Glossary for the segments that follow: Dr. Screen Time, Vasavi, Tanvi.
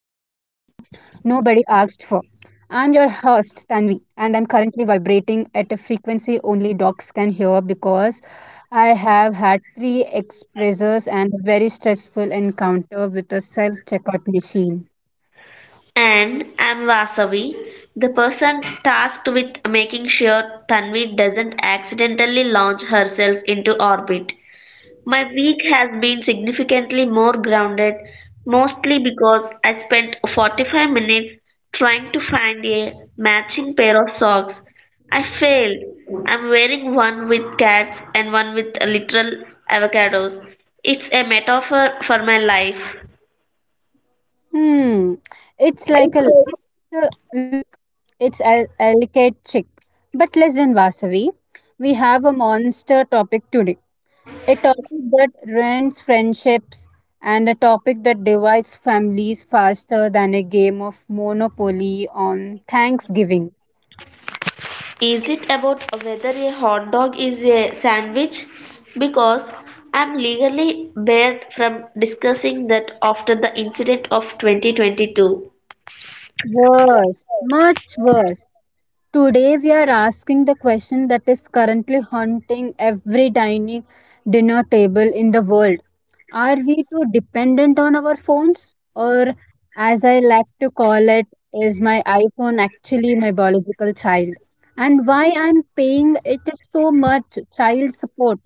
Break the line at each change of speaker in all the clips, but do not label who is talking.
for. I'm your host, Tanvi, and I'm currently vibrating at a frequency only dogs can hear because I have had three expressors and a very stressful encounter with a self checkout machine.
And I'm Vasavi, the person tasked with making sure Tanvi doesn't accidentally launch herself into orbit. My week has been significantly more grounded, mostly because I spent 45 minutes trying to find a matching pair of socks. I failed. I'm wearing one with cats and one with literal avocados. It's a metaphor for my life.
Hmm. It's like a look. It's a delicate chick. But less than Vasavi, we have a monster topic today. A topic that ruins friendships and a topic that divides families faster than a game of Monopoly on Thanksgiving.
Is it about whether a hot dog is a sandwich? Because I'm legally barred from discussing that after the incident of 2022.
Worse, much worse. Today we are asking the question that is currently haunting every dining dinner table in the world. Are we too dependent on our phones? Or, as I like to call it, is my iPhone actually my biological child? And why I'm paying it so much child support?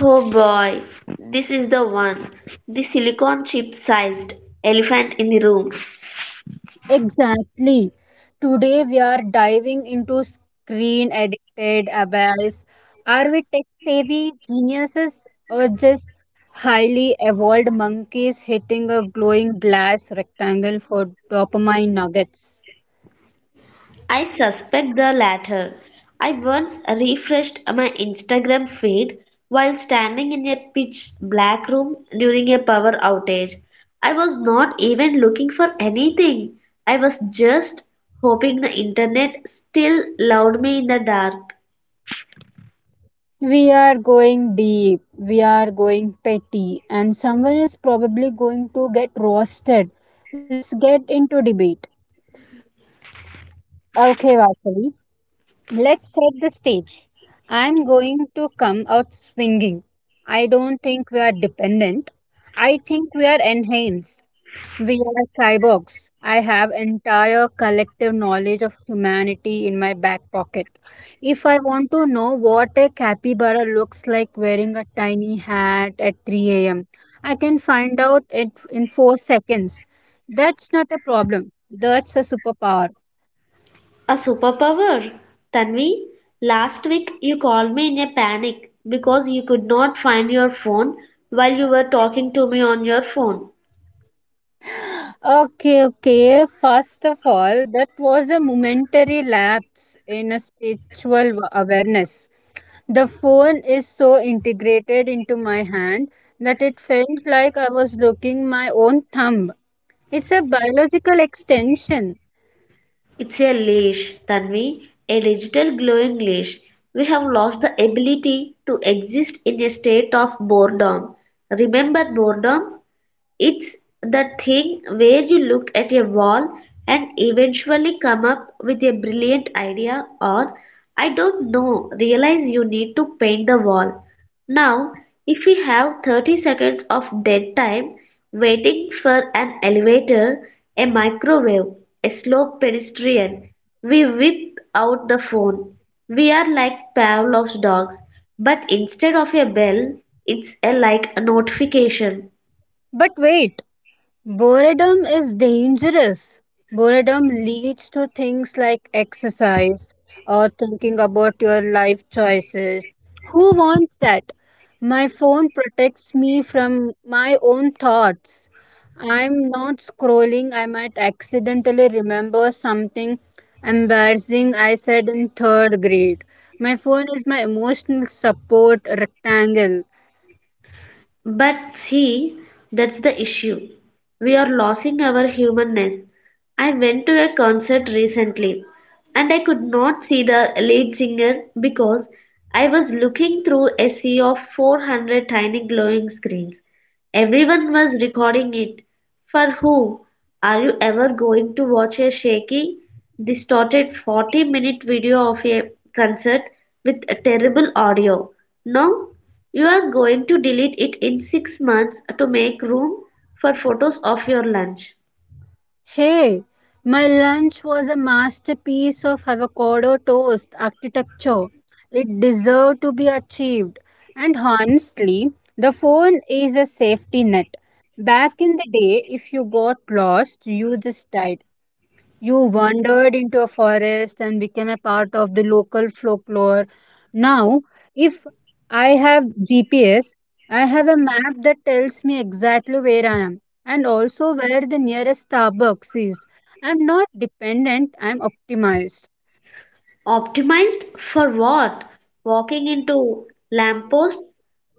Oh boy, this is the one. The silicon chip sized elephant in the room.
Exactly. Today we are diving into screen addicted abyss. Are we tech savvy geniuses or just highly evolved monkeys hitting a glowing glass rectangle for dopamine nuggets?
I suspect the latter. I once refreshed my Instagram feed while standing in a pitch black room during a power outage. I was not even looking for anything. I was just hoping the internet still loved me in the dark.
We are going deep, we are going petty, and someone is probably going to get roasted. Let's get into debate. Okay, Vasavi, let's set the stage. I'm going to come out swinging. I don't think we are dependent. I think we are enhanced. We are cyborgs. I have entire collective knowledge of humanity in my back pocket. If I want to know what a capybara looks like wearing a tiny hat at 3 a.m., I can find out it in 4 seconds. That's not a problem. That's a superpower.
A superpower? Tanvi, last week you called me in a panic because you could not find your phone while you were talking to me on your phone.
Okay, okay. First of all, that was a momentary lapse in a spiritual awareness. The phone is so integrated into my hand that it felt like I was looking my own thumb. It's a biological extension.
It's a leash, Tanvi, a digital glowing leash. We have lost the ability to exist in a state of boredom. Remember boredom? It's the thing where you look at a wall and eventually come up with a brilliant idea, or I don't know, realize you need to paint the wall. Now, if we have 30 seconds of dead time waiting for an elevator, a microwave, a slow pedestrian, we whip out the phone. We are like Pavlov's dogs, but instead of a bell, it's a notification.
But wait, boredom is dangerous. Boredom leads to things like exercise or thinking about your life choices. Who wants that? My phone protects me from my own thoughts. I'm not scrolling, I might accidentally remember something embarrassing I said in third grade. My phone is my emotional support rectangle.
But see, that's the issue. We are losing our humanness. I went to a concert recently and I could not see the lead singer because I was looking through a sea of 400 tiny glowing screens. Everyone was recording it. For whom are you ever going to watch a shaky, distorted 40-minute video of a concert with a terrible audio? No, you are going to delete it in 6 months to make room for photos of your lunch.
Hey, my lunch was a masterpiece of avocado toast architecture. It deserved to be achieved. And honestly, the phone is a safety net. Back in the day, if you got lost, you just died. You wandered into a forest and became a part of the local folklore. Now, if I have GPS, I have a map that tells me exactly where I am and also where the nearest Starbucks is. I'm not dependent, I'm optimized.
Optimized for what? Walking into lampposts?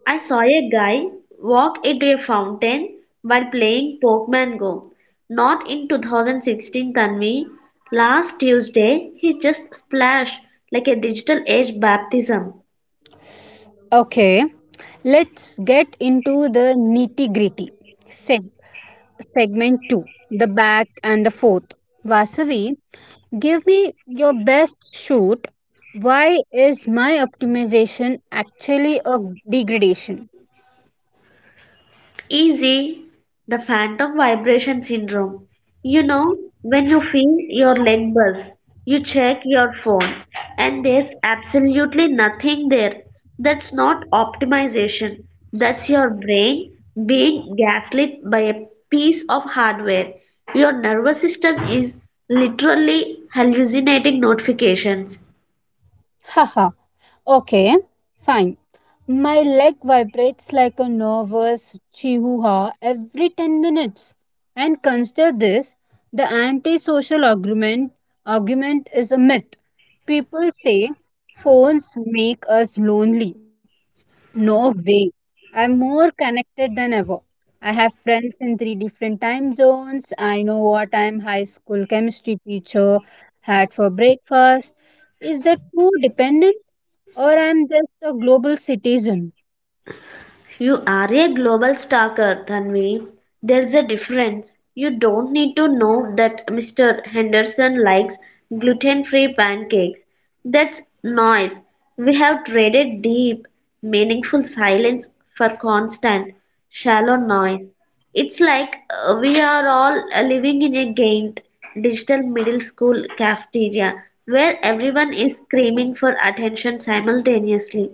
I saw a guy walk into a fountain while playing Pokemon Go. Not in 2016, Tanvi. Last Tuesday, he just splashed like a digital age baptism.
Okay, let's get into the nitty gritty. Seg- Segment 2, the Back and the Forth. Vasavi, give me your best shoot. Why is my optimization actually a degradation?
Easy, the phantom vibration syndrome. You know, when you feel your leg buzz, you check your phone, and there's absolutely nothing there. That's not optimization. That's your brain being gaslit by a piece of hardware. Your nervous system is literally hallucinating notifications.
Haha, okay, fine. My leg vibrates like a nervous chihuahua every 10 minutes. And consider this, the antisocial argument is a myth. People say phones make us lonely. No way. I'm more connected than ever. I have friends in three different time zones. I know what time high school chemistry teacher had for breakfast. Is that too dependent or I'm just a global citizen?
You are a global stalker, Tanvi. There's a difference. You don't need to know that Mr. Henderson likes gluten free pancakes. That's noise. We have traded deep, meaningful silence for constant, shallow noise. It's like we are all living in a gained digital middle school cafeteria where everyone is screaming for attention simultaneously.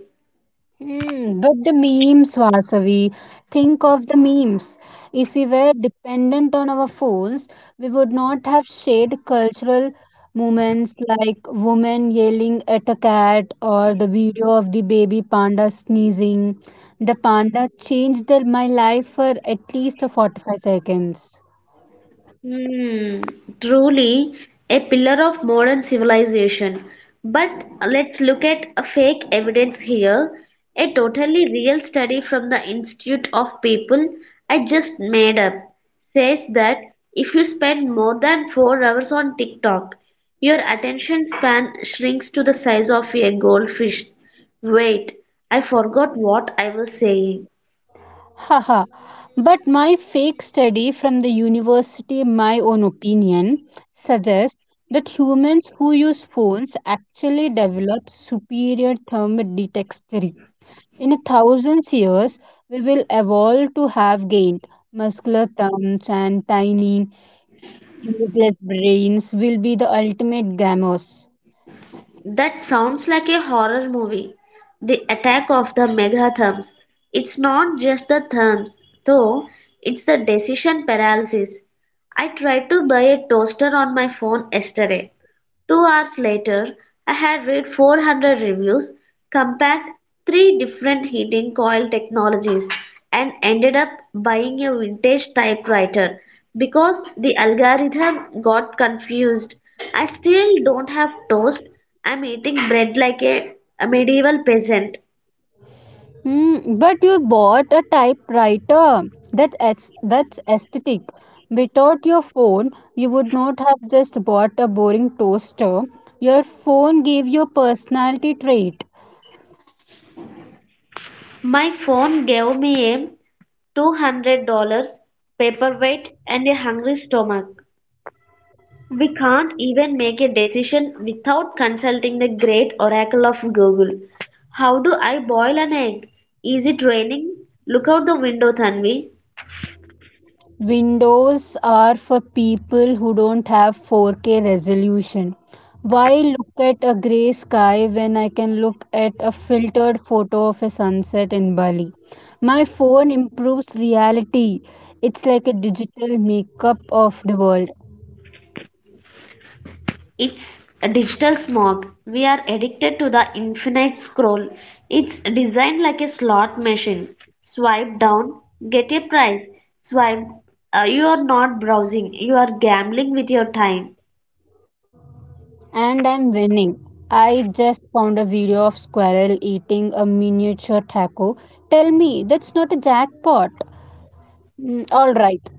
Hmm, but the memes, Vasavi, think of the memes. If we were dependent on our phones, we would not have shared cultural moments like women yelling at a cat or the video of the baby panda sneezing. The panda changed my life for at least 45 seconds.
Hmm, truly a pillar of modern civilization. But let's look at a fake evidence here, a totally real study from the Institute of People I just made up says that if you spend more than 4 hours on TikTok, your attention span shrinks to the size of a goldfish. Wait, I forgot what I was saying.
Haha, but my fake study from the university, my own opinion, suggests that humans who use phones actually develop superior thermodexterity. In thousands years, we will evolve to have gained muscular thumbs and tiny, useless brains will be the ultimate gamers.
That sounds like a horror movie. The attack of the megatherms. It's not just the therms, though, it's the decision paralysis. I tried to buy a toaster on my phone yesterday. 2 hours later, I had read 400 reviews, compared three different heating coil technologies, and ended up buying a vintage typewriter because the algorithm got confused. I still don't have toast. I'm eating bread like a medieval peasant.
Mm, but you bought a typewriter. That's aesthetic. Without your phone, you would not have just bought a boring toaster. Your phone gave you a personality trait.
My phone gave me a $200 paperweight and a hungry stomach. We can't even make a decision without consulting the great oracle of Google. How do I boil an egg? Is it raining? Look out the window, Tanvi.
Windows are for people who don't have 4K resolution. Why look at a grey sky when I can look at a filtered photo of a sunset in Bali? My phone improves reality. It's like a digital makeup of the world.
It's a digital smog. We are addicted to the infinite scroll. It's designed like a slot machine. Swipe down, get a prize. Swipe. You are not browsing, you are gambling with your time.
And I'm winning. I just found a video of squirrel eating a miniature taco. Tell me, that's not a jackpot. Mm, all right.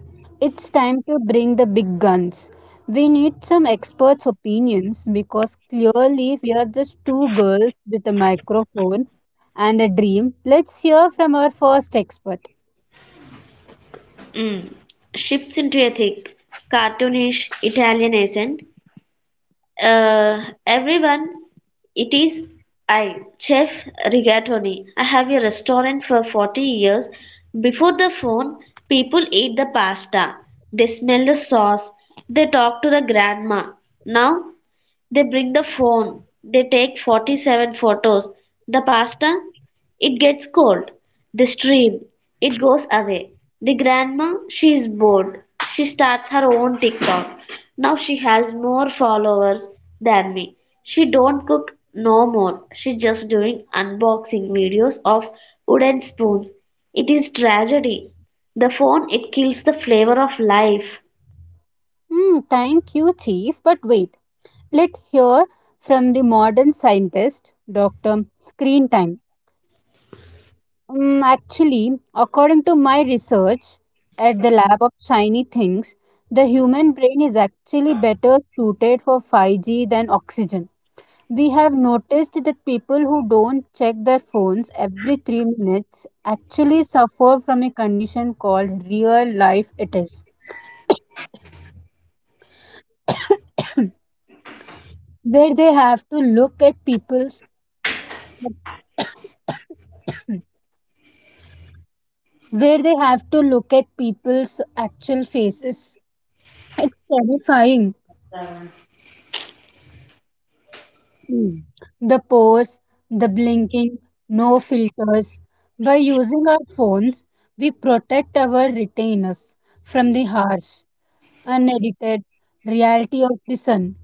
It's time to bring the big guns. We need some experts' opinions because clearly we are just two girls with a microphone and a dream. Let's hear from our first expert.
Mm. Shifts into a thick, cartoonish Italian accent. Everyone, it is I, Chef Rigatoni. I have a restaurant for 40 years. Before the phone, people ate the pasta. They smell the sauce. They talk to the grandma. Now they bring the phone. They take 47 photos. The pasta, it gets cold. The stream, it goes away. The grandma, she is bored. She starts her own TikTok. Now she has more followers than me. She don't cook no more. She just doing unboxing videos of wooden spoons. It is tragedy. The phone, it kills the flavor of life.
Hmm, thank you, Chief. But wait, let's hear from the modern scientist, Dr. Screen Time. Mm, actually, according to my research at the lab of shiny things, the human brain is actually better suited for 5G than oxygen. We have noticed that people who don't check their phones every 3 minutes actually suffer from a condition called real life it is, where they have to look at people's where they have to look at people's actual faces. It's terrifying. Mm. The pause, the blinking, no filters. By using our phones, we protect our retainers from the harsh, unedited reality of the sun.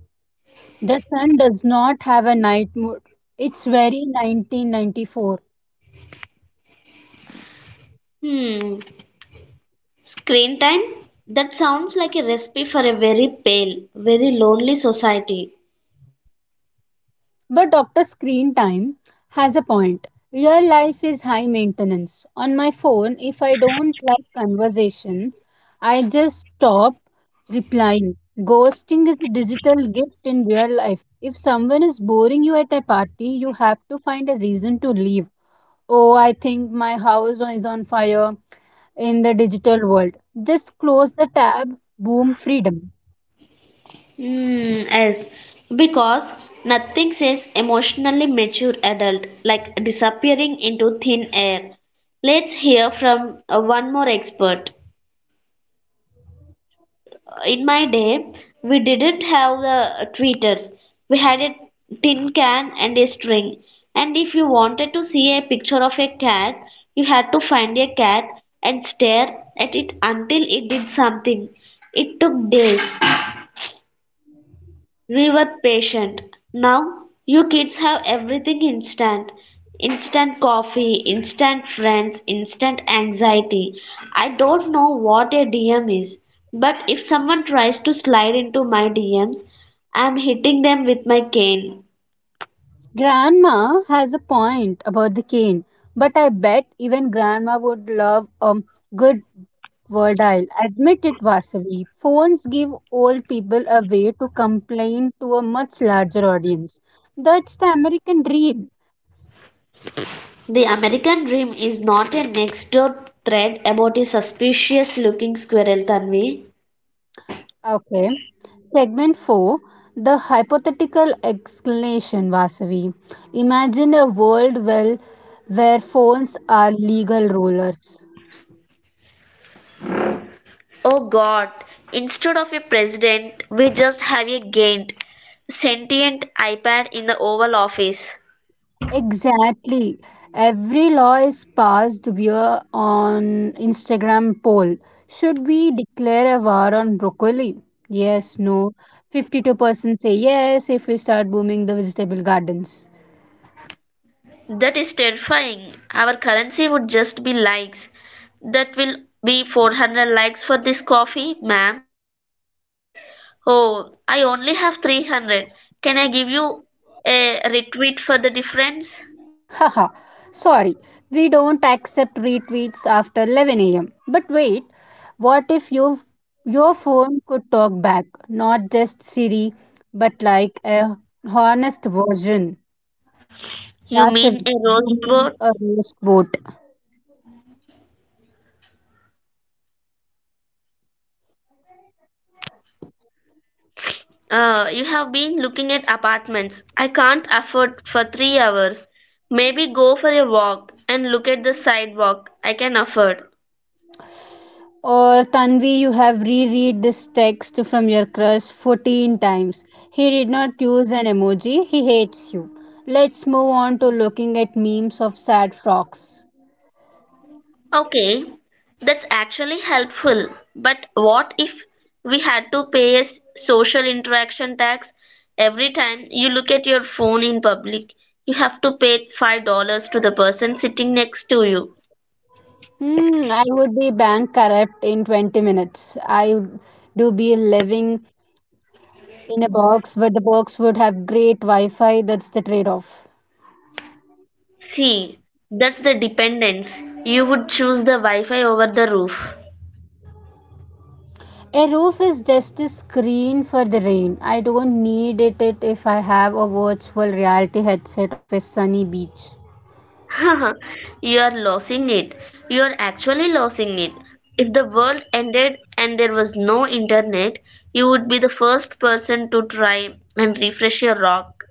The sun does not have a night mode. It's very 1994.
Hmm. Screen time? That sounds like a recipe for a very pale, very lonely society.
But Dr. Screen Time has a point. Real life is high maintenance. On my phone, if I don't like conversation, I just stop replying. Ghosting is a digital gift in real life. If someone is boring you at a party, you have to find a reason to leave. Oh, I think my house is on fire in the digital world. Just close the tab, boom, freedom.
Hmm, yes, because nothing says emotionally mature adult like disappearing into thin air. Let's hear from one more expert. In my day, we didn't have the tweeters. We had a tin can and a string. And if you wanted to see a picture of a cat, you had to find a cat and stare at it until it did something. It took days. Revert patient. Now you kids have everything instant. Instant coffee, instant friends, instant anxiety. I don't know what a DM is, but if someone tries to slide into my DMs, I'm hitting them with my cane.
Grandma has a point about the cane, but I bet even grandma would love a good Verdile. Admit it, Vasavi. Phones give old people a way to complain to a much larger audience. That's the American dream.
The American dream is not a next door thread about a suspicious looking squirrel, Tanvi.
Okay. Segment 4, the Hypothetical Explanation, Vasavi. Imagine a world well where phones are legal rulers.
Oh God, instead of a president, we just have a gained, sentient iPad in the Oval Office.
Exactly. Every law is passed via on Instagram poll. Should we declare a war on broccoli? Yes, no. 52% say yes if we start booming the vegetable gardens.
That is terrifying. Our currency would just be likes. That will be 400 likes for this coffee, ma'am. Oh, I only have 300. Can I give you a retweet for the difference?
Haha. Sorry. We don't accept retweets after 11 a.m. But wait, what if your phone could talk back, not just Siri, but like a honest version?
You
That's it.
mean a roast
You mean
vote?
a roast boat.
You have been looking at apartments I can't afford for 3 hours. Maybe go for a walk and look at the sidewalk I can afford.
Or Tanvi, you have reread this text from your crush 14 times. He did not use an emoji. He hates you. Let's move on to looking at memes of sad frogs.
Okay, that's actually helpful. But what if we had to pay a social interaction tax every time you look at your phone in public? You have to pay $5 to the person sitting next to you.
Hmm, I would be bank corrupt in 20 minutes. I would do be living in a box, but the box would have great Wi Fi. That's the trade off.
See, that's the dependence. You would choose the Wi Fi over the roof.
A roof is just a screen for the rain. I don't need it if I have a virtual reality headset of a sunny beach.
You are losing it. You are actually losing it. If the world ended and there was no internet, you would be the first person to try and refresh your rock.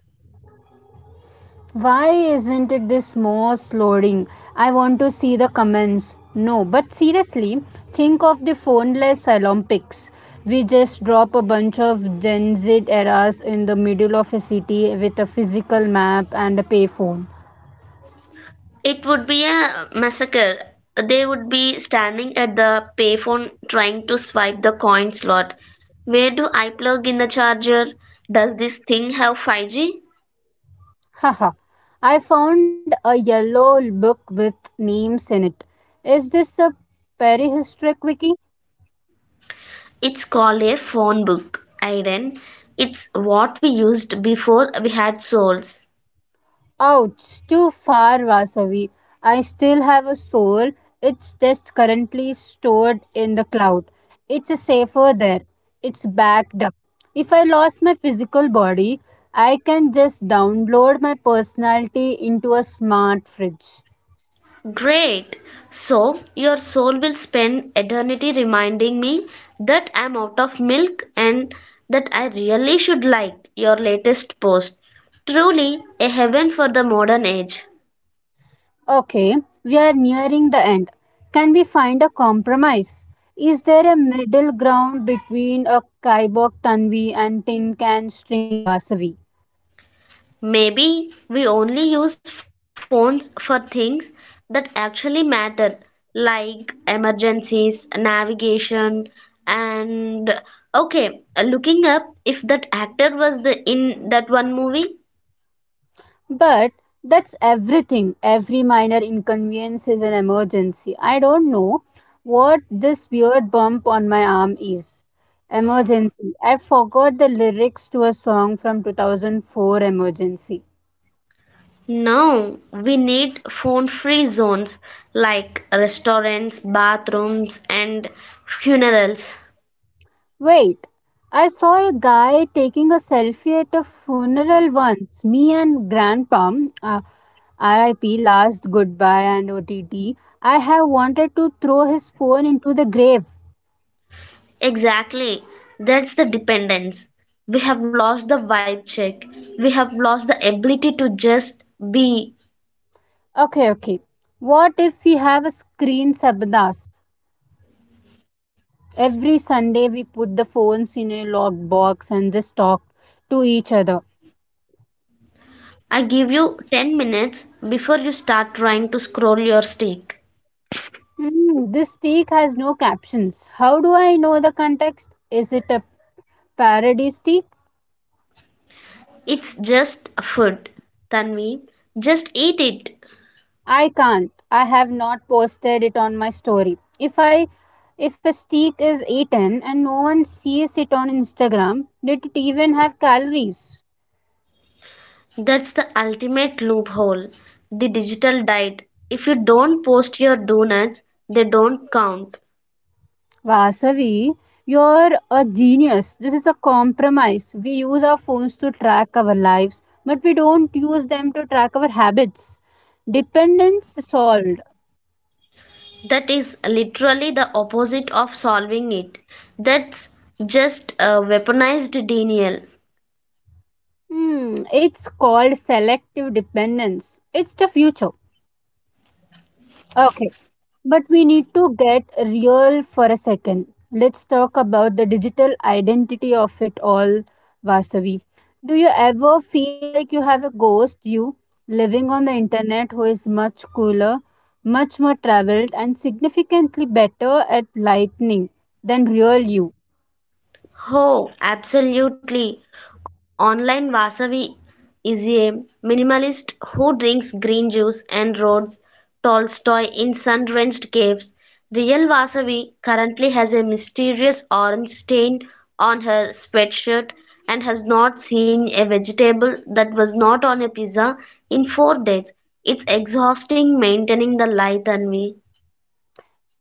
Why isn't it this most loading? I want to see the comments. No, but seriously, think of the phoneless Olympics. We just drop a bunch of Gen Z eras in the middle of a city with a physical map and a payphone.
It would be a massacre. They would be standing at the payphone trying to swipe the coin slot. Where do I plug in the charger? Does this thing have 5G?
Haha, I found a yellow book with names in it. Is this a prehistoric wiki?
It's called a phone book, Aiden. It's what we used before we had souls.
Ouch, too far, Vasavi. I still have a soul. It's just currently stored in the cloud. It's a safer there. It's backed up. If I lost my physical body, I can just download my personality into a smart fridge.
Great. So your soul will spend eternity reminding me that I'm out of milk and that I really should like your latest post. Truly a heaven for the modern age.
Okay, we are nearing the end. Can we find a compromise? Is there a middle ground between a Kaibok Tanvi and Tin Can String Vasavi?
Maybe we only use phones for things that actually matter, like emergencies, navigation, and okay, looking up if that actor was the in that one movie.
But that's everything. Every minor inconvenience is an emergency. I don't know what this weird bump on my arm is. Emergency. I forgot the lyrics to a song from 2004. Emergency.
Now we need phone-free zones like restaurants, bathrooms, and funerals.
Wait, I saw a guy taking a selfie at a funeral once. Me and Grandpa, uh, RIP, last goodbye and OTT. I have wanted to throw his phone into the grave.
Exactly. That's the dependence. We have lost the vibe check. We have lost the ability to just be.
Okay, okay. What if we have a screen sabdas? Every Sunday we put the phones in a locked box and just talk to each other.
I give you 10 minutes before you start trying to scroll your stick.
Hmm, this steak has no captions. How do I know the context? Is it a parody steak?
It's just food, Tanvi. Just eat it.
I can't. I have not posted it on my story. If a steak is eaten and no one sees it on Instagram, did it even have calories?
That's the ultimate loophole. The digital diet. If you don't post your donuts, they don't count.
Vasavi, you're a genius. This is a compromise. We use our phones to track our lives, but we don't use them to track our habits. Dependence solved.
That is literally the opposite of solving it. That's just a weaponized denial.
Hmm, it's called selective dependence. It's the future. Okay. But we need to get real for a second. Let's talk about the digital identity of it all, Vasavi. Do you ever feel like you have a ghost you living on the internet who is much cooler, much more traveled, and significantly better at lightning than real you?
Oh, absolutely. Online Vasavi is a minimalist who drinks green juice and reads Tolstoy in sun-drenched caves. Real Vasavi currently has a mysterious orange stain on her sweatshirt and has not seen a vegetable that was not on a pizza in 4 days. It's exhausting maintaining the light, Anvi.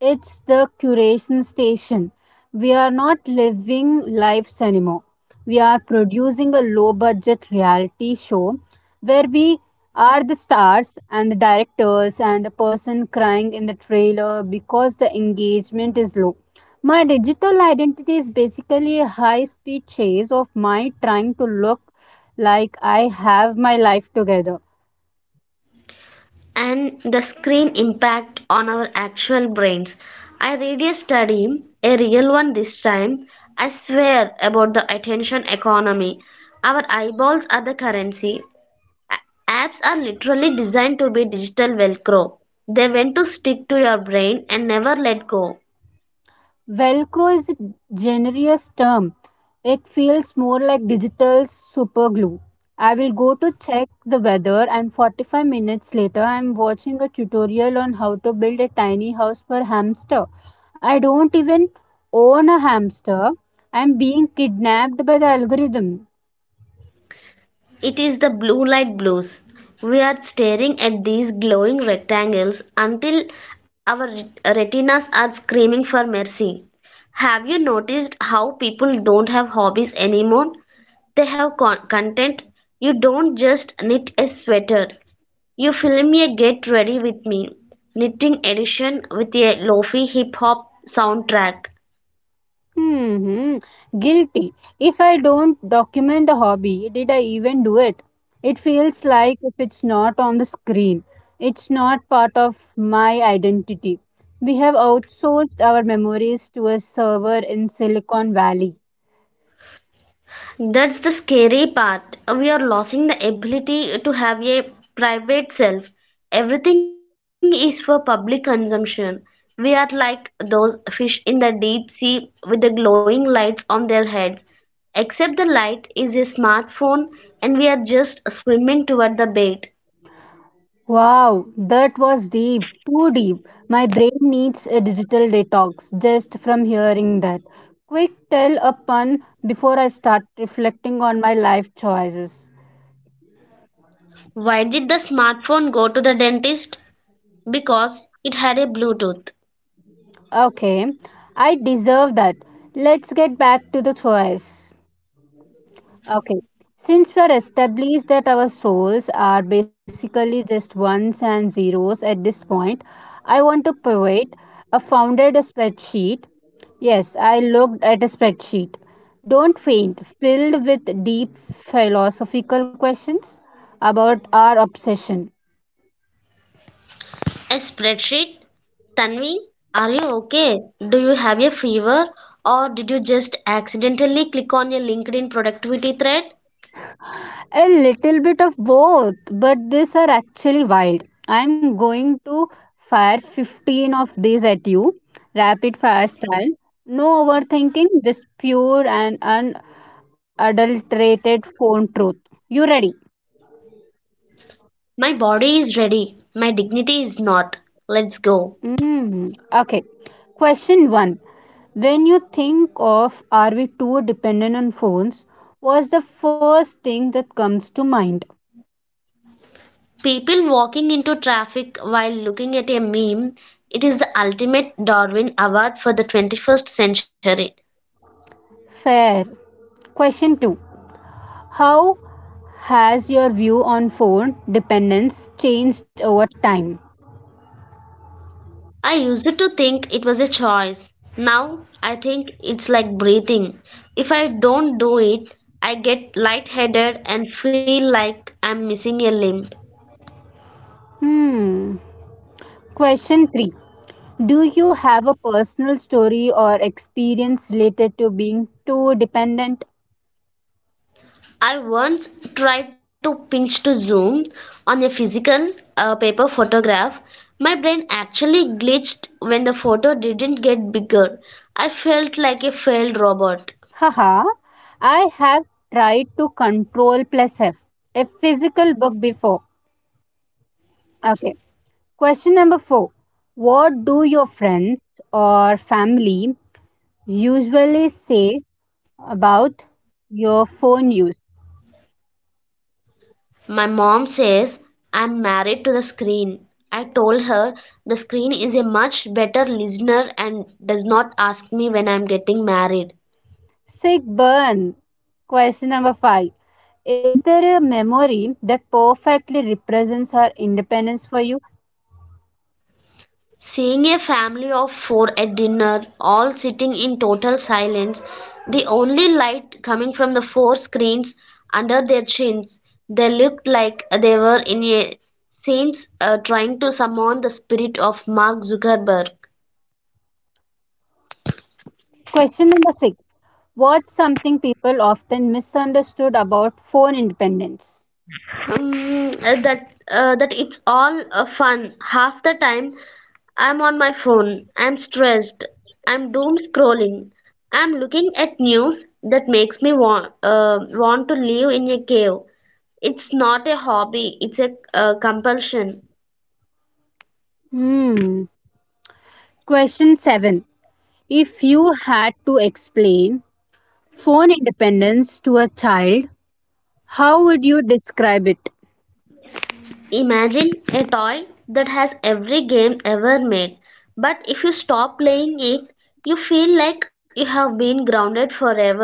It's the curation station. We are not living lives anymore. We are producing a low budget reality show where we are the stars and the directors and the person crying in the trailer because the engagement is low. My digital identity is basically a high speed chase of my trying to look like I have my life together.
And the screen impact on our actual brains. I read a study, a real one this time, I swear, about the attention economy. Our eyeballs are the currency. Apps are literally designed to be digital velcro. They want to stick to your brain and never let go.
Velcro is a generous term. It feels more like digital superglue. I will go to check the weather, and 45 minutes later, I am watching a tutorial on how to build a tiny house for hamster. I don't even own a hamster. I am being kidnapped by the algorithm.
It is the blue light blues. We are staring at these glowing rectangles until our retinas are screaming for mercy. Have you noticed how people don't have hobbies anymore? They have content. You don't just knit a sweater. You film a Get Ready With Me knitting edition with a lofi hip hop soundtrack.
Hmm, guilty. If I don't document the hobby, did I even do it? It feels like if it's not on the screen, it's not part of my identity. We have outsourced our memories to a server in Silicon Valley.
That's the scary part. We are losing the ability to have a private self. Everything is for public consumption. We are like those fish in the deep sea with the glowing lights on their heads, except the light is a smartphone and we are just swimming toward the bait.
Wow, that was deep, too deep. My brain needs a digital detox just from hearing that. Quick, tell a pun before I start reflecting on my life choices.
Why did the smartphone go to the dentist? Because it had a Bluetooth.
Okay, I deserve that. Let's get back to the choice. Okay, since we're established that our souls are basically just ones and zeros at this point, I want to pivot. I founded a spreadsheet. Yes, I looked at a spreadsheet. Don't faint, filled with deep philosophical questions about our obsession.
A spreadsheet? Tanvi, are you okay? Do you have a fever? Or did you just accidentally click on a LinkedIn productivity thread?
A little bit of both, but these are actually wild. I'm going to fire 15 of these at you, rapid fire style. No overthinking, just pure and unadulterated phone truth. You ready?
My body is ready. My dignity is not. Let's go.
Mm, okay. Question 1. When you think of are we too dependent on phones, what's the first thing that comes to mind?
People walking into traffic while looking at a meme. It is the ultimate Darwin Award for the 21st century.
Fair. Question 2. How has your view on phone dependence changed over time?
I used to think it was a choice. Now I think it's like breathing. If I don't do it, I get lightheaded and feel like I'm missing a limb.
Hmm. Question 3. Do you have a personal story or experience related to being too dependent?
I once tried to pinch to zoom on a physical paper photograph. My brain actually glitched when the photo didn't get bigger. I felt like a failed robot.
Haha. I have tried to control plus F, a physical book before. Okay. Question number 4. What do your friends or family usually say about your phone use?
My mom says I'm married to the screen. I told her the screen is a much better listener and does not ask me when I'm getting married.
Sick burn. Question number five. Is there a memory that perfectly represents our independence for you?
Seeing a family of four at dinner, all sitting in total silence, the only light coming from the four screens under their chins, they looked like they were in a scenes trying to summon the spirit of Mark Zuckerberg.
Question number six. What's something people often misunderstood about phone independence?
That it's all fun. Half the time, I'm on my phone. I'm stressed. I'm doom scrolling. I'm looking at news that makes me want to live in a cave. It's not a hobby. It's a compulsion.
Hmm. Question seven. If you had to explain phone independence to a child, how would you describe it?
Imagine a toy that has every game ever made, but if you stop playing it, you feel like you have been grounded forever.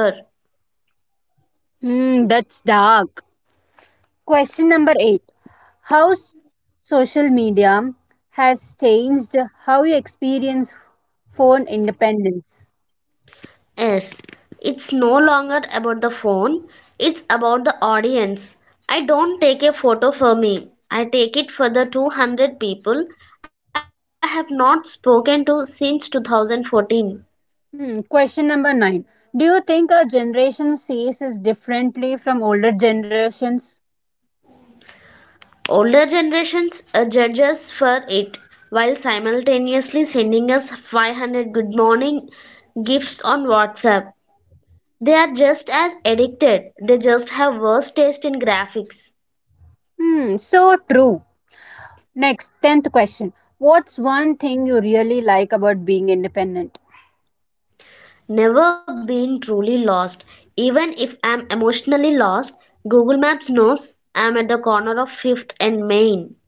Hmm, that's dark. Question number eight. How s- social media has changed how you experience phone independence.
Yes, it's no longer about the phone, it's about the audience. I don't take a photo for me. I take it for the 200 people I have not spoken to since 2014.
Hmm, question number nine. Do you think our generation sees this differently from older generations?
Older generations judge us for it while simultaneously sending us 500 good morning gifts on WhatsApp. They are just as addicted, they just have worse taste in graphics.
Hmm, so true. Next, tenth question. What's one thing you really like about being independent?
Never been truly lost. Even if I'm emotionally lost, Google Maps knows I'm at the corner of 5th and Main.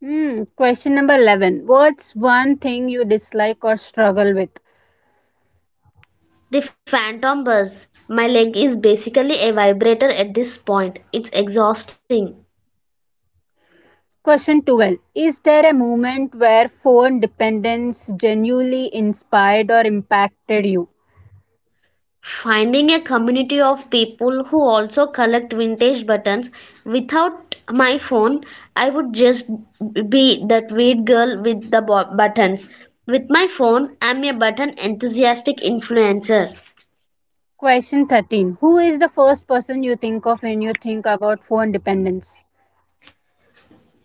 Hmm, question number 11. What's one thing you dislike or struggle with?
The phantom buzz. My leg is basically a vibrator at this point. It's exhausting.
Question 12. Is there a moment where phone dependence genuinely inspired or impacted you?
Finding a community of people who also collect vintage buttons, without my phone, I would just be that weird girl with the buttons. With my phone, I'm a button enthusiastic influencer.
Question 13. Who is the first person you think of when you think about phone dependence?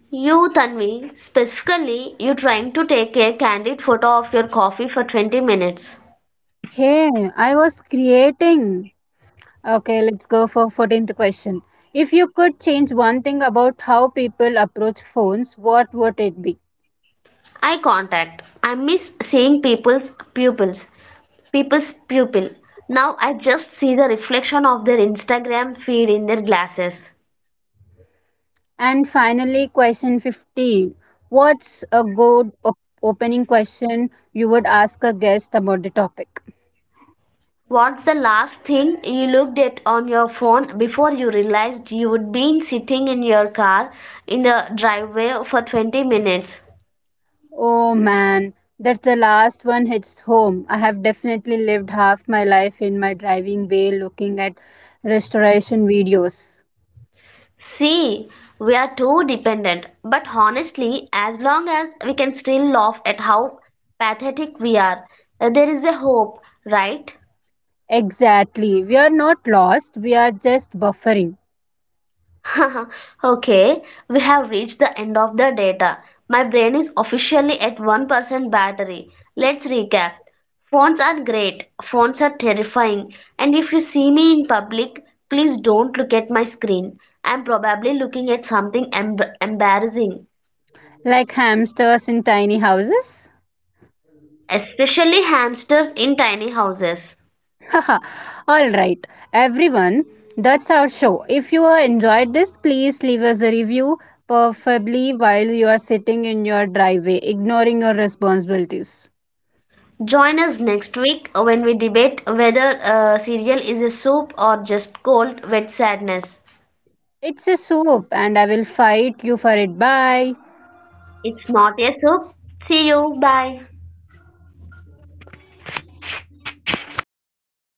You, Tanvi, specifically, you trying to take a candid photo of your coffee for 20 minutes.
Hey, I was creating. Okay, let's go for 14th question. If you could change one thing about how people approach phones, what would it be?
Eye contact. I miss seeing people's pupils. People's pupil. Now I just see the reflection of their Instagram feed in their glasses.
And finally, question 15. What's a good opening question you would ask a guest about the topic?
What's the last thing you looked at on your phone before you realized you would been sitting in your car in the driveway for 20 minutes?
Oh man, that's the last one hits home. I have definitely lived half my life in my driving way looking at restoration videos.
See, we are too dependent, but honestly, as long as we can still laugh at how pathetic we are, there is a hope, right?
Exactly. We are not lost, we are just buffering.
Okay, we have reached the end of the data. My brain is officially at 1% battery. Let's recap. Phones are great, phones are terrifying, and if you see me in public, please don't look at my screen. I'm probably looking at something embarrassing.
Like hamsters in tiny houses?
Especially hamsters in tiny houses.
Haha. Alright, everyone, that's our show. If you enjoyed this, please leave us a review, preferably while you are sitting in your driveway, ignoring your responsibilities.
Join us next week when we debate whether cereal is a soup or just cold, wet sadness.
It's a soap, and I will fight you for it. Bye.
It's not a soup. See you. Bye.